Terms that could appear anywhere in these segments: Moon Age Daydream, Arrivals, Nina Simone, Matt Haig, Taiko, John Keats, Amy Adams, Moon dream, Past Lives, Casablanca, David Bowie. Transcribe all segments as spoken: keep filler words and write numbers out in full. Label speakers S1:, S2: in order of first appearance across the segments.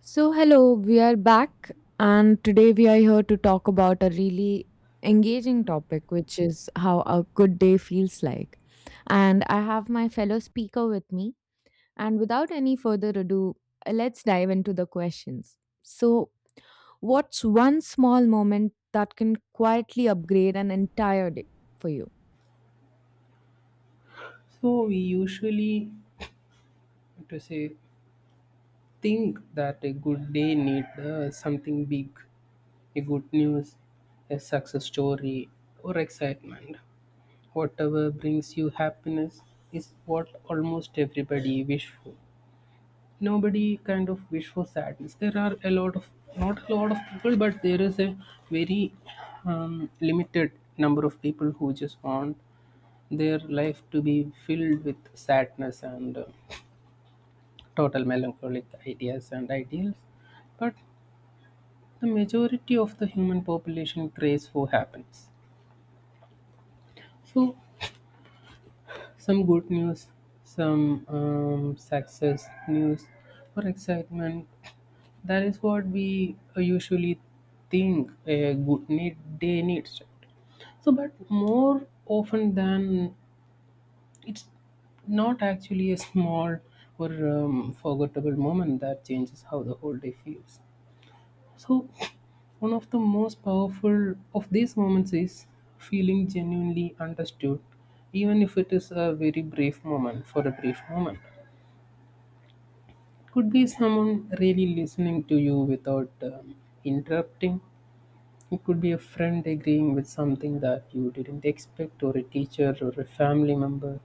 S1: So, hello, we are back, and today we are here to talk about a really engaging topic, which is how a good day feels like. And I have my fellow speaker with me. And without any further ado, uh, let's dive into the questions. So, what's one small moment that can quietly upgrade an entire day for you?
S2: So we usually, to say, think that a good day need uh, something big, a good news, a success story, or excitement. Whatever brings you happiness is what almost everybody wish for. Nobody kind of wish for sadness. There are a lot of not a lot of people, but there is a very um, limited number of people who just want their life to be filled with sadness and uh, total melancholic ideas and ideals, but the majority of the human population craves for happiness. So, some good news, some um, success news, or excitement. That is what we uh, usually think a good need day needs, right? So, but more often than it's not actually a small or um, forgettable moment that changes how the whole day feels. So, one of the most powerful of these moments is feeling genuinely understood, even if it is a very brief moment, for a brief moment. Could be someone really listening to you without um, interrupting, it could be a friend agreeing with something that you didn't expect, or a teacher or a family member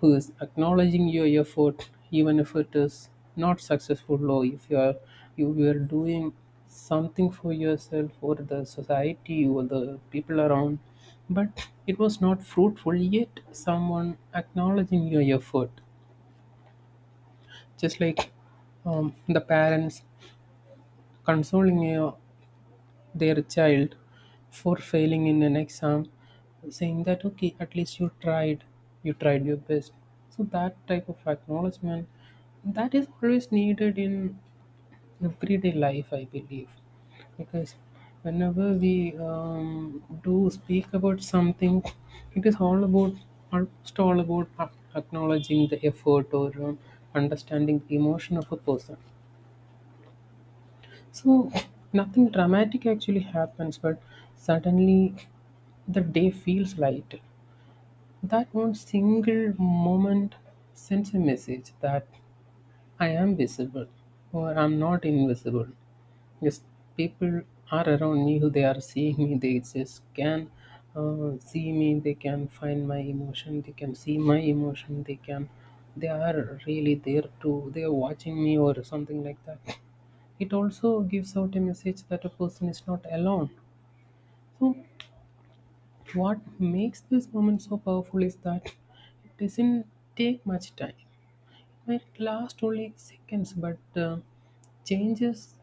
S2: who is acknowledging your effort, even if it is not successful, or if you are you were doing something for yourself or the society or the people around, but it was not fruitful. Yet someone acknowledging your effort, just like um, the parents consoling you their child for failing in an exam, saying that okay, at least you tried, you tried your best. So that type of acknowledgement, that is always needed in everyday life, I believe, because whenever we um, do speak about something, it is all about, almost all about ac- acknowledging the effort or um, understanding the emotion of a person. So nothing dramatic actually happens, but suddenly the day feels light. That one single moment sends a message that I am visible or I'm not invisible. Yes, people are around me who they are seeing me, they just can uh, see me, they can find my emotion, they can see my emotion, they can, they are really there too, they are watching me or something like that. It also gives out a message that a person is not alone. So, what makes this moment so powerful is that it doesn't take much time. It lasts only seconds, but uh, changes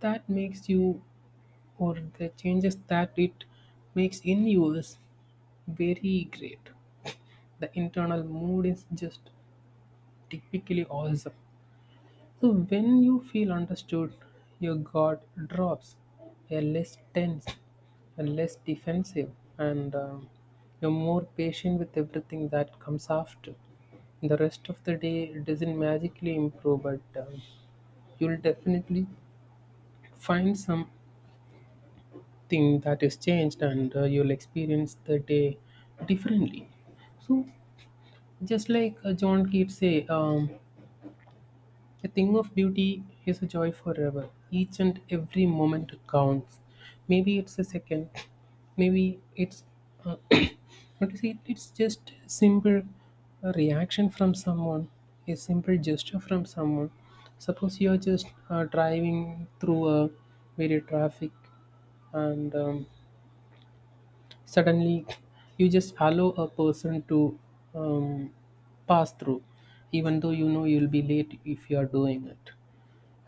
S2: that makes you or the changes that it makes in you is very great. The internal mood is just typically awesome. So when you feel understood, your guard drops. You're less tense and less defensive, and um, you're more patient with everything that comes after. The rest of the day doesn't magically improve, but um, you'll definitely find something that is changed, and uh, you'll experience the day differently. So, just like uh, John Keats say, um, a thing of beauty is a joy forever. Each and every moment counts. Maybe it's a second. Maybe it's uh, what is it? It's just a simple uh, reaction from someone, a simple gesture from someone. Suppose you're just uh, driving through a very traffic, and um, suddenly you just allow a person to um, pass through, even though you know you'll be late if you are doing it,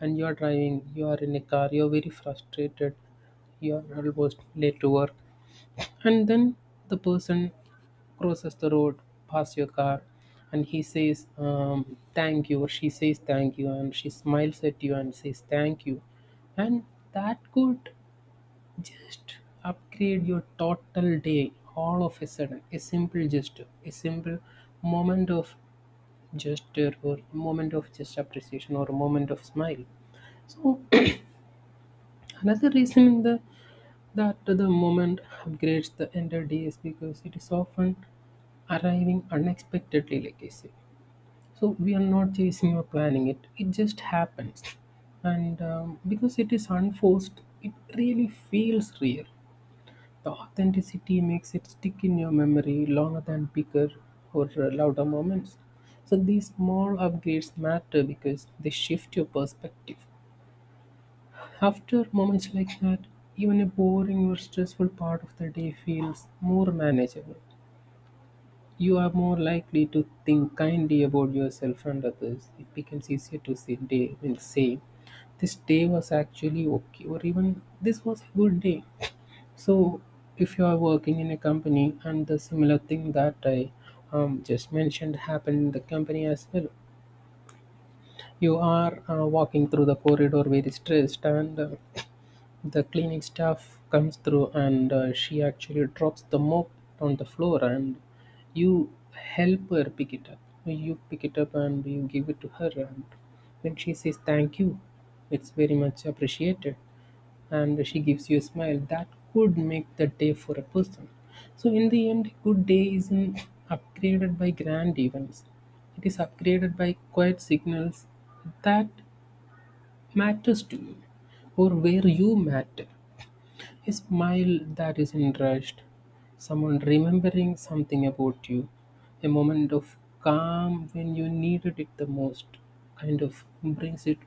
S2: and you are driving, you are in a car, you're very frustrated, you're almost late to work, and then the person crosses the road past your car, and he says, um, thank you, or she says, thank you, and she smiles at you and says, thank you, and that could just upgrade your total day all of a sudden. A simple gesture, a simple moment of gesture, or moment of just appreciation, or a moment of smile. So another reason in the that the moment upgrades the entire day is because it is often arriving unexpectedly, like I say. So we are not chasing or planning it; it just happens, and um, because it is unforced, it really feels real. The authenticity makes it stick in your memory longer than bigger or uh, louder moments. So these small upgrades matter because they shift your perspective. After moments like that, even a boring or stressful part of the day feels more manageable. You are more likely to think kindly about yourself and others. It becomes easier to say day and say this day was actually okay or even this was a good day. So if you are working in a company and the similar thing that I um, just mentioned happened in the company as well, you are uh, walking through the corridor very stressed and uh, the cleaning staff comes through and uh, she actually drops the mop on the floor, and you help her pick it up. You pick it up and you give it to her, and when she says thank you, it's very much appreciated and she gives you a smile. That could make the day for a person. So in the end, a good day isn't upgraded by grand events. It is upgraded by quiet signals that matters to you or where you matter. A smile that isn't rushed, someone remembering something about you, a moment of calm when you needed it the most, kind of brings it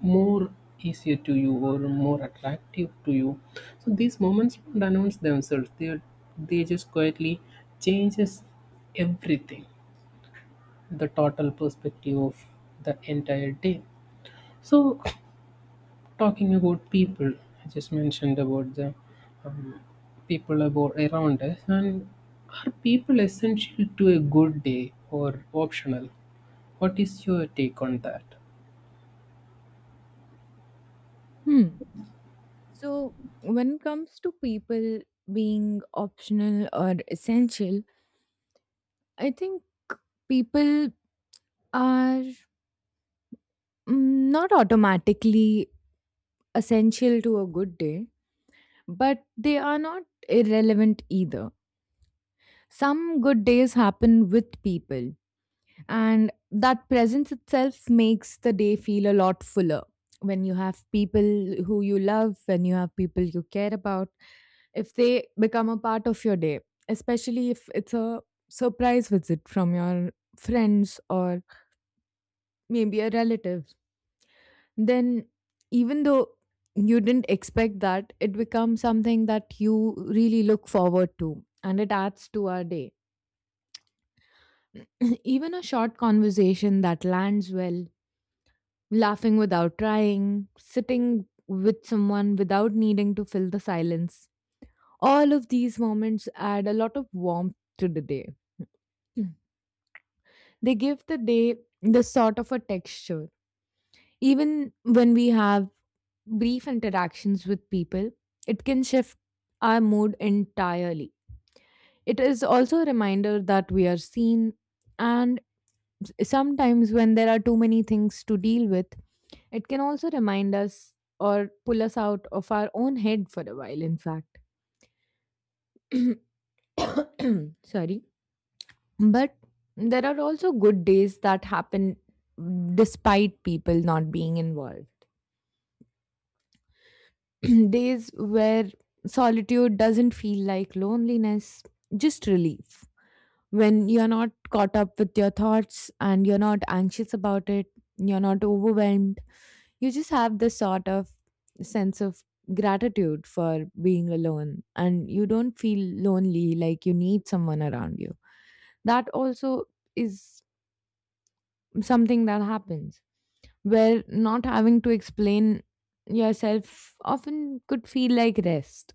S2: more easier to you or more attractive to you. So these moments don't announce themselves; they they just quietly changes everything, the total perspective of the entire day. So talking about people, I just mentioned about the um, people about around us, and are people essential to a good day or optional, what is your take on that?
S1: Hmm. So, when it comes to people being optional or essential, I think people are mm, not automatically essential to a good day, but they are not irrelevant either. Some good days happen with people, and that presence itself makes the day feel a lot fuller. When you have people who you love, when you have people you care about, if they become a part of your day, especially if it's a surprise visit from your friends or maybe a relative, then even though you didn't expect that, it becomes something that you really look forward to and it adds to our day. Even a short conversation that lands well, laughing without trying, sitting with someone without needing to fill the silence, all of these moments add a lot of warmth to the day. Mm. They give the day the sort of a texture. Even when we have brief interactions with people, it can shift our mood entirely. It is also a reminder that we are seen, and s- sometimes when there are too many things to deal with, it can also remind us or pull us out of our own head for a while, in fact. Sorry. But there are also good days that happen despite people not being involved. Days where solitude doesn't feel like loneliness, just relief. When you're not caught up with your thoughts and you're not anxious about it, you're not overwhelmed, you just have this sort of sense of gratitude for being alone and you don't feel lonely like you need someone around you. That also is something that happens where not having to explain yourself often could feel like rest.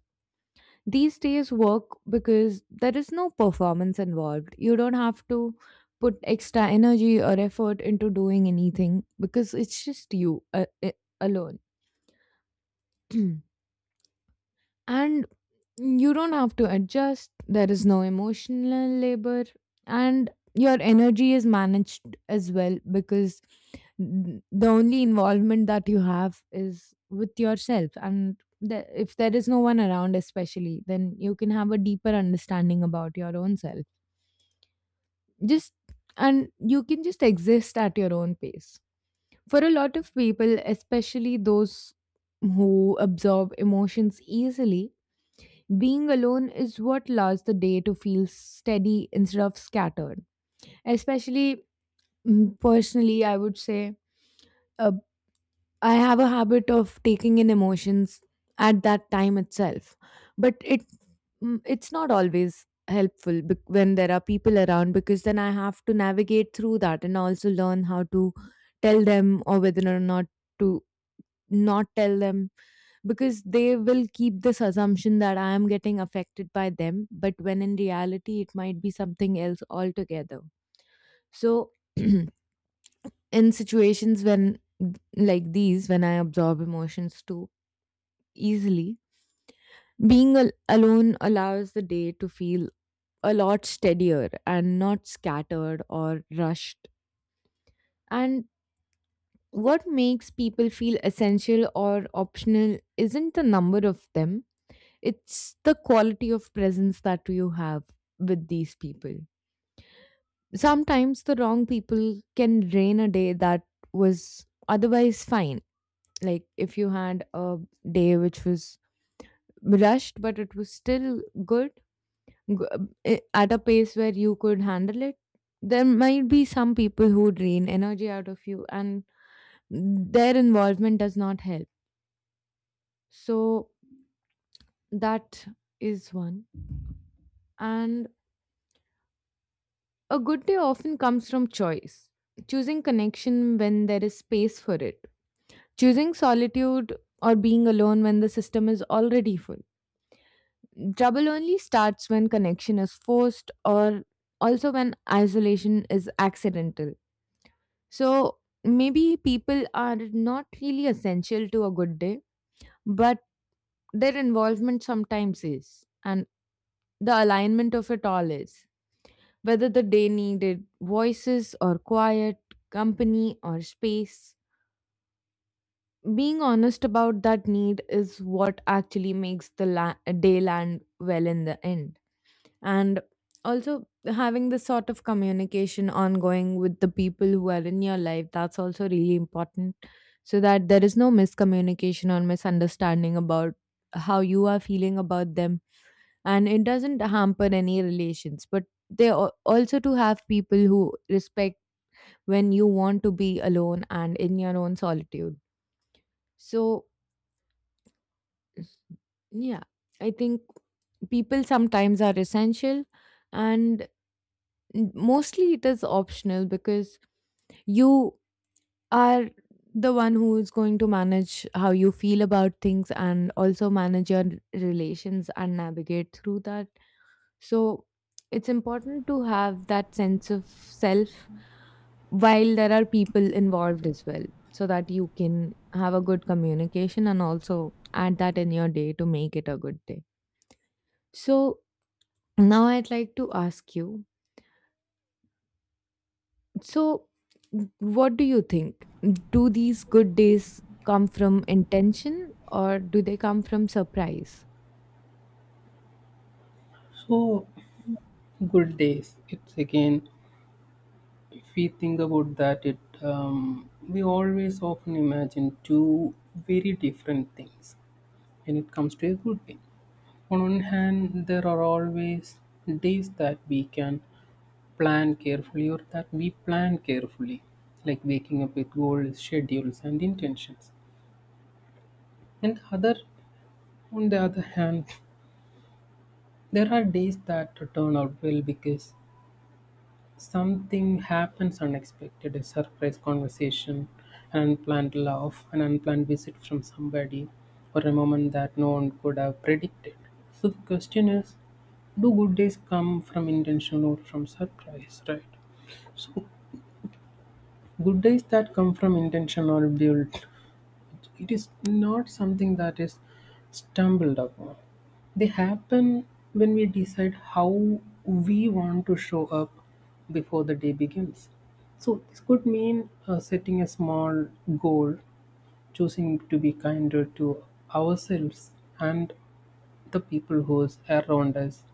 S1: These days work because there is no performance involved. You don't have to put extra energy or effort into doing anything because it's just you uh, uh, alone. And you don't have to adjust. There is no emotional labor and your energy is managed as well because n- the only involvement that you have is with yourself and the, if there is no one around especially, then you can have a deeper understanding about your own self, just, and you can just exist at your own pace. For a lot of people, especially those who absorb emotions easily, being alone is what allows the day to feel steady instead of scattered. Especially mm, personally, I would say, uh, I have a habit of taking in emotions at that time itself, but it, mm, it's not always helpful bec- when there are people around because then I have to navigate through that and also learn how to tell them or whether or not to not tell them, because they will keep this assumption that I am getting affected by them, but when in reality, it might be something else altogether. So, in situations when like these, when I absorb emotions too easily, being al- alone allows the day to feel a lot steadier and not scattered or rushed. And what makes people feel essential or optional isn't the number of them. It's the quality of presence that you have with these people. Sometimes the wrong people can drain a day that was otherwise fine. Like if you had a day which was rushed, but it was still good, g- i- at a pace where you could handle it, there might be some people who drain energy out of you and their involvement does not help. So that is one. And a good day often comes from choice, choosing connection when there is space for it, choosing solitude or being alone when the system is already full. Trouble only starts when connection is forced or also when isolation is accidental. So maybe people are not really essential to a good day, but their involvement sometimes is, and the alignment of it all is, whether the day needed voices or quiet, company or space. Being honest about that need is what actually makes the la- day land well in the end. And also, having this sort of communication ongoing with the people who are in your life, that's also really important so that there is no miscommunication or misunderstanding about how you are feeling about them. And it doesn't hamper any relations, but they, al- also to have people who respect when you want to be alone and in your own solitude. So, yeah, I think people sometimes are essential and n- mostly it is optional, because you are the one who is going to manage how you feel about things and also manage your relations and navigate through that. So, it's important to have that sense of self while there are people involved as well, so that you can have a good communication and also add that in your day to make it a good day. So now I'd like to ask you, so what do you think, do these good days come from intention or do they come from surprise?
S2: So good days, it's again, if we think about that it um, we always often imagine two very different things when it comes to a good day. On one hand, there are always days that we can plan carefully or that we plan carefully, like waking up with goals, schedules and intentions, and other, on the other hand, there are days that turn out well because something happens unexpected, a surprise conversation, an unplanned laugh, an unplanned visit from somebody, or a moment that no one could have predicted. So the question is, do good days come from intention or from surprise, right? So good days that come from intention are built. It is not something that is stumbled upon. They happen when we decide how we want to show up before the day begins. So, this could mean uh, setting a small goal, choosing to be kinder to ourselves and the people who is around us,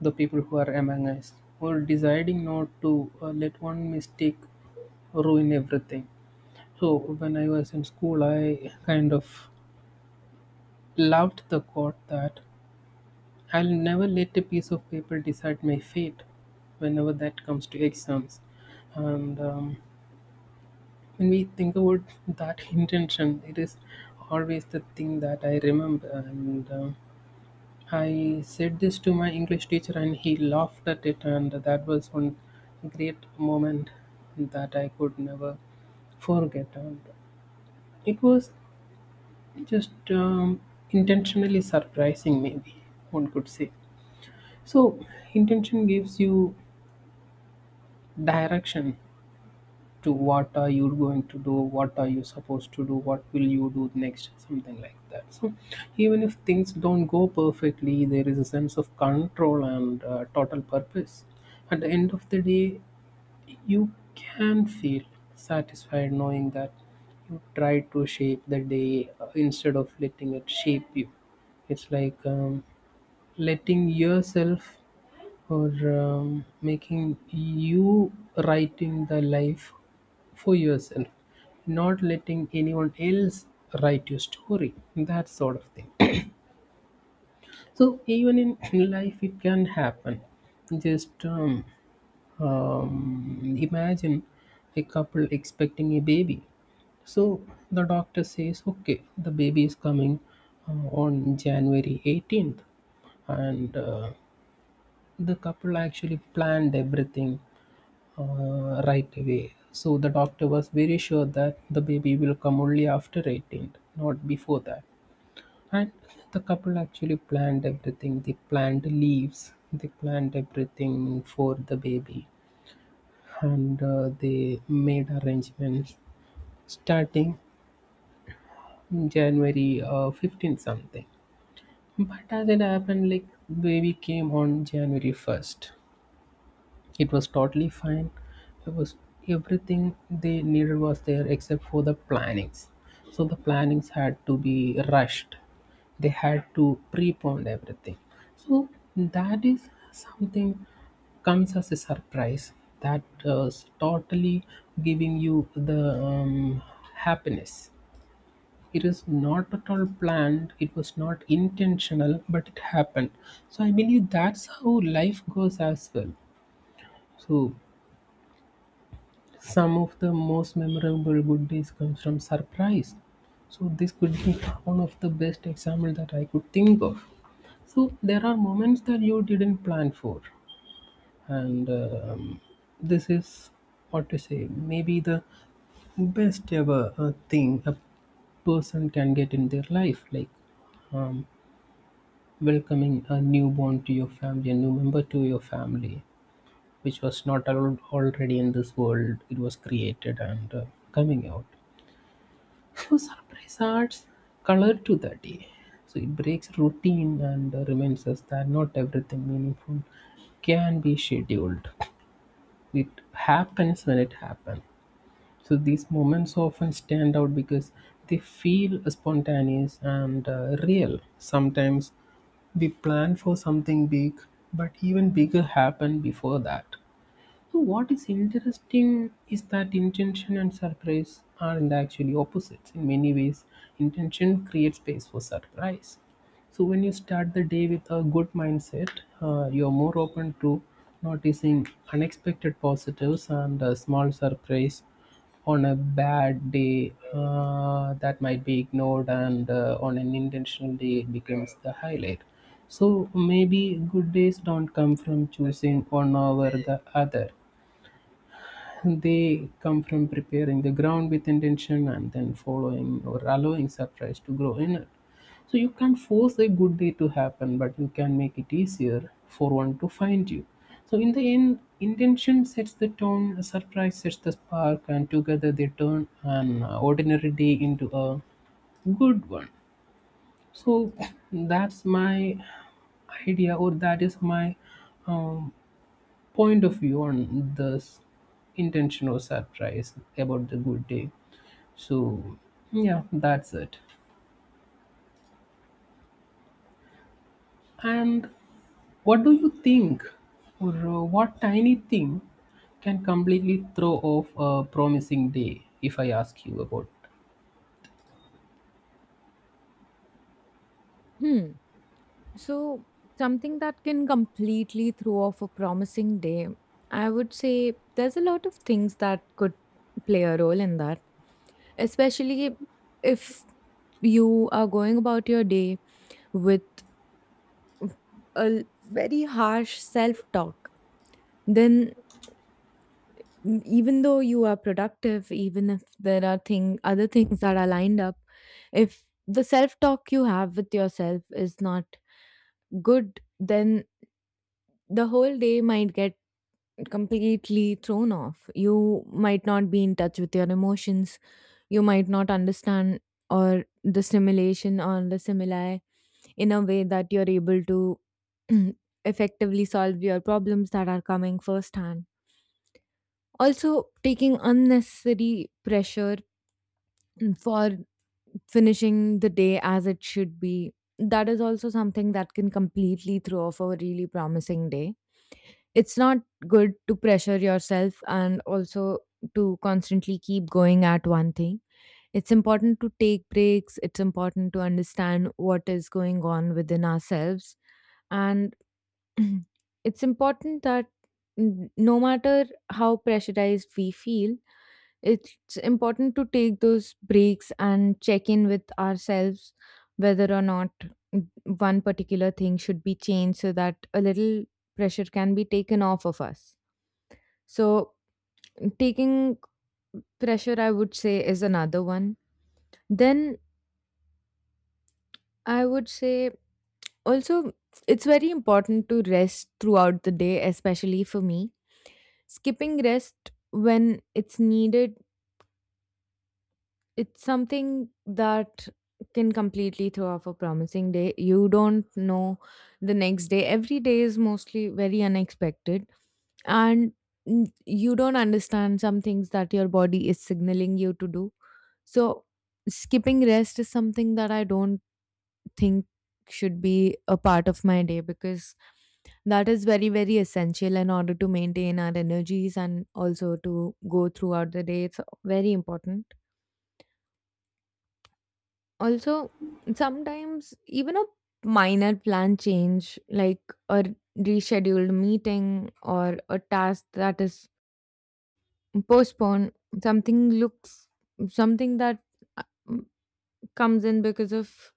S2: the people who are among us, or deciding not to uh, let one mistake ruin everything. So when I was in school, I kind of loved the quote that I'll never let a piece of paper decide my fate whenever that comes to exams. And um, when we think about that intention, it is always the thing that I remember. And um I said this to my English teacher, and he laughed at it. And that was one great moment that I could never forget. And it was just um, intentionally surprising, maybe one could say. So, intention gives you direction to what are you going to do, what are you supposed to do, what will you do next, something like that. So even if things don't go perfectly, there is a sense of control and uh, total purpose. At the end of the day, you can feel satisfied knowing that you try to shape the day uh, instead of letting it shape you. It's like um, letting yourself for um, making you writing the life for yourself, not letting anyone else write your story, that sort of thing. So even in, in life it can happen, just um, um, imagine a couple expecting a baby. So the doctor says okay, the baby is coming uh, on January eighteenth, and uh, the couple actually planned everything uh, right away. So the doctor was very sure that the baby will come only after eighteenth, not before that. And the couple actually planned everything. They planned leaves, they planned everything for the baby, and uh, they made arrangements starting January uh, fifteen something. But as it happened, like baby came on January first. It was totally fine. It was everything they needed was there except for the plannings. So the plannings had to be rushed. They had to prepone everything. So that is something comes as a surprise that uh, is totally giving you the um, happiness. It is not at all planned. It was not intentional, but it happened. So I believe that's how life goes as well. So some of the most memorable good days comes from surprise. So this could be one of the best example that I could think of. So there are moments that you didn't plan for, and um, this is what to say. Maybe the best ever uh, thing a person can get in their life, like um, welcoming a newborn to your family, a new member to your family, which was not allowed already in this world. It was created and uh, coming out. So surprise adds color to the day. So it breaks routine and uh, reminds us that not everything meaningful can be scheduled. It happens when it happens. So these moments often stand out because they feel spontaneous and uh, real. Sometimes we plan for something big, but even bigger happen before that. So what is interesting is that intention and surprise are in the actually opposites. In many ways, intention creates space for surprise. So when you start the day with a good mindset, uh, you're more open to noticing unexpected positives and uh, small surprise on a bad day uh, that might be ignored, and uh, on an intentional day it becomes the highlight. So maybe good days don't come from choosing one over the other, they come from preparing the ground with intention and then following or allowing surprise to grow in it. So you can't force a good day to happen, but you can make it easier for one to find you. So in the end, intention sets the tone, surprise sets the spark, and together they turn an ordinary day into a good one. So that's my idea, or that is my um, point of view on this intention or surprise about the good day. So, yeah, that's it. And what do you think, or uh, what tiny thing can completely throw off a promising day? If I ask you about,
S1: Hmm. So, something that can completely throw off a promising day, I would say there's a lot of things that could play a role in that, especially if you are going about your day with a l- very harsh self talk, then, m- even though you are productive, even if there are thing other things that are lined up, if the self talk you have with yourself is not good, then the whole day might get completely thrown off. You might not be in touch with your emotions, you might not understand or the stimulation or the stimuli in a way that you're able to effectively solve your problems that are coming firsthand. Also, taking unnecessary pressure for finishing the day as it should be, that is also something that can completely throw off a really promising day. It's not good to pressure yourself and also to constantly keep going at one thing. It's important to take breaks, it's important to understand what is going on within ourselves, and mhm. It's important that, n- no matter how pressurized we feel, it's important to take those breaks and check in with ourselves whether or not one particular thing should be changed so that a little pressure can be taken off of us. So, taking pressure, I would say, is another one. Then, I would say also, it's very important to rest throughout the day, especially for me. Skipping rest when it's needed, it's something that can completely throw off a promising day. You don't know the next day, every day is mostly very unexpected, and n- you don't understand some things that your body is signaling you to do. So skipping rest is something that I don't think should be a part of my day, because that is very, very essential in order to maintain our energies, and also to go throughout the day it's very important. Also, sometimes even a minor plan change, like a rescheduled meeting or a task that is postponed, something looks, something that uh, comes in because of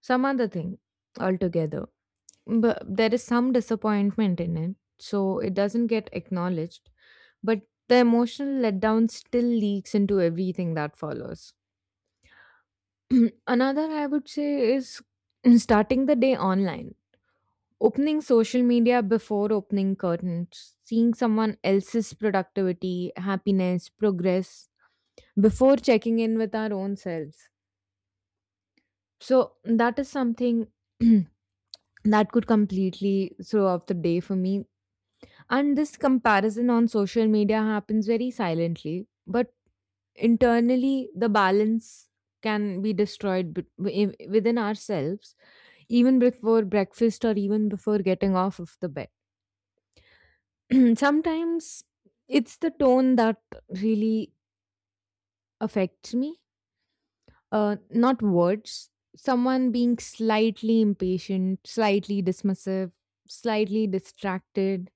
S1: some other thing altogether, but there is some disappointment in it, so it doesn't get acknowledged. But the emotional letdown still leaks into everything that follows. Another, I would say, is starting the day online, opening social media before opening curtains, seeing someone else's productivity, happiness, progress before checking in with our own selves. So, that is something that could completely throw off the day for me. And this comparison on social media happens very silently, but internally, the balance can be destroyed bet- wi- within ourselves, even before breakfast or even before getting off of the bed. Sometimes it's the tone that really affects me, uh, not words. Someone being slightly impatient, slightly dismissive, slightly distracted.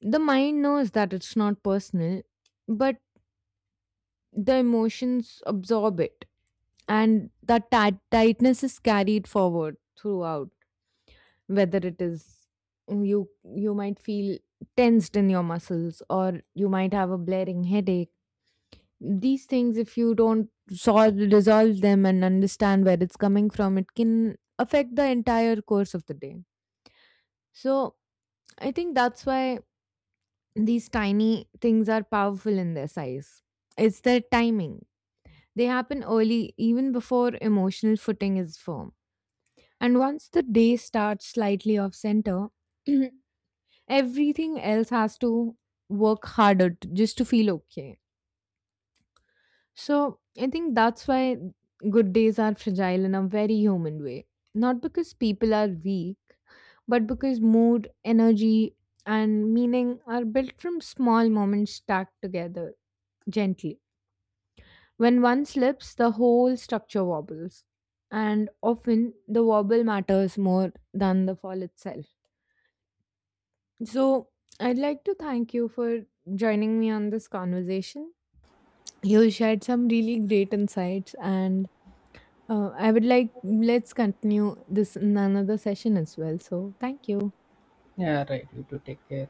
S1: The mind knows that it's not personal, but the emotions absorb it, and that tight tightness is carried forward throughout, whether it is you, you might feel tensed in your muscles or you might have a blaring headache. These things, if you don't solve resolve them and understand where it's coming from, it can affect the entire course of the day. So I think that's why these tiny things are powerful in their size, it's their timing. They happen early, even before emotional footing is firm. And once the day starts slightly off center, everything else has to work harder t just to feel okay. So I think that's why good days are fragile in a very human way. Not because people are weak, but because mood, energy, and meaning are built from small moments stacked together gently. When one slips, the whole structure wobbles, and often the wobble matters more than the fall itself. So, I'd like to thank you for joining me on this conversation. You shared some really great insights, and uh, I would like let's continue this in another session as well. So, thank you.
S2: yeah, right, you to take care.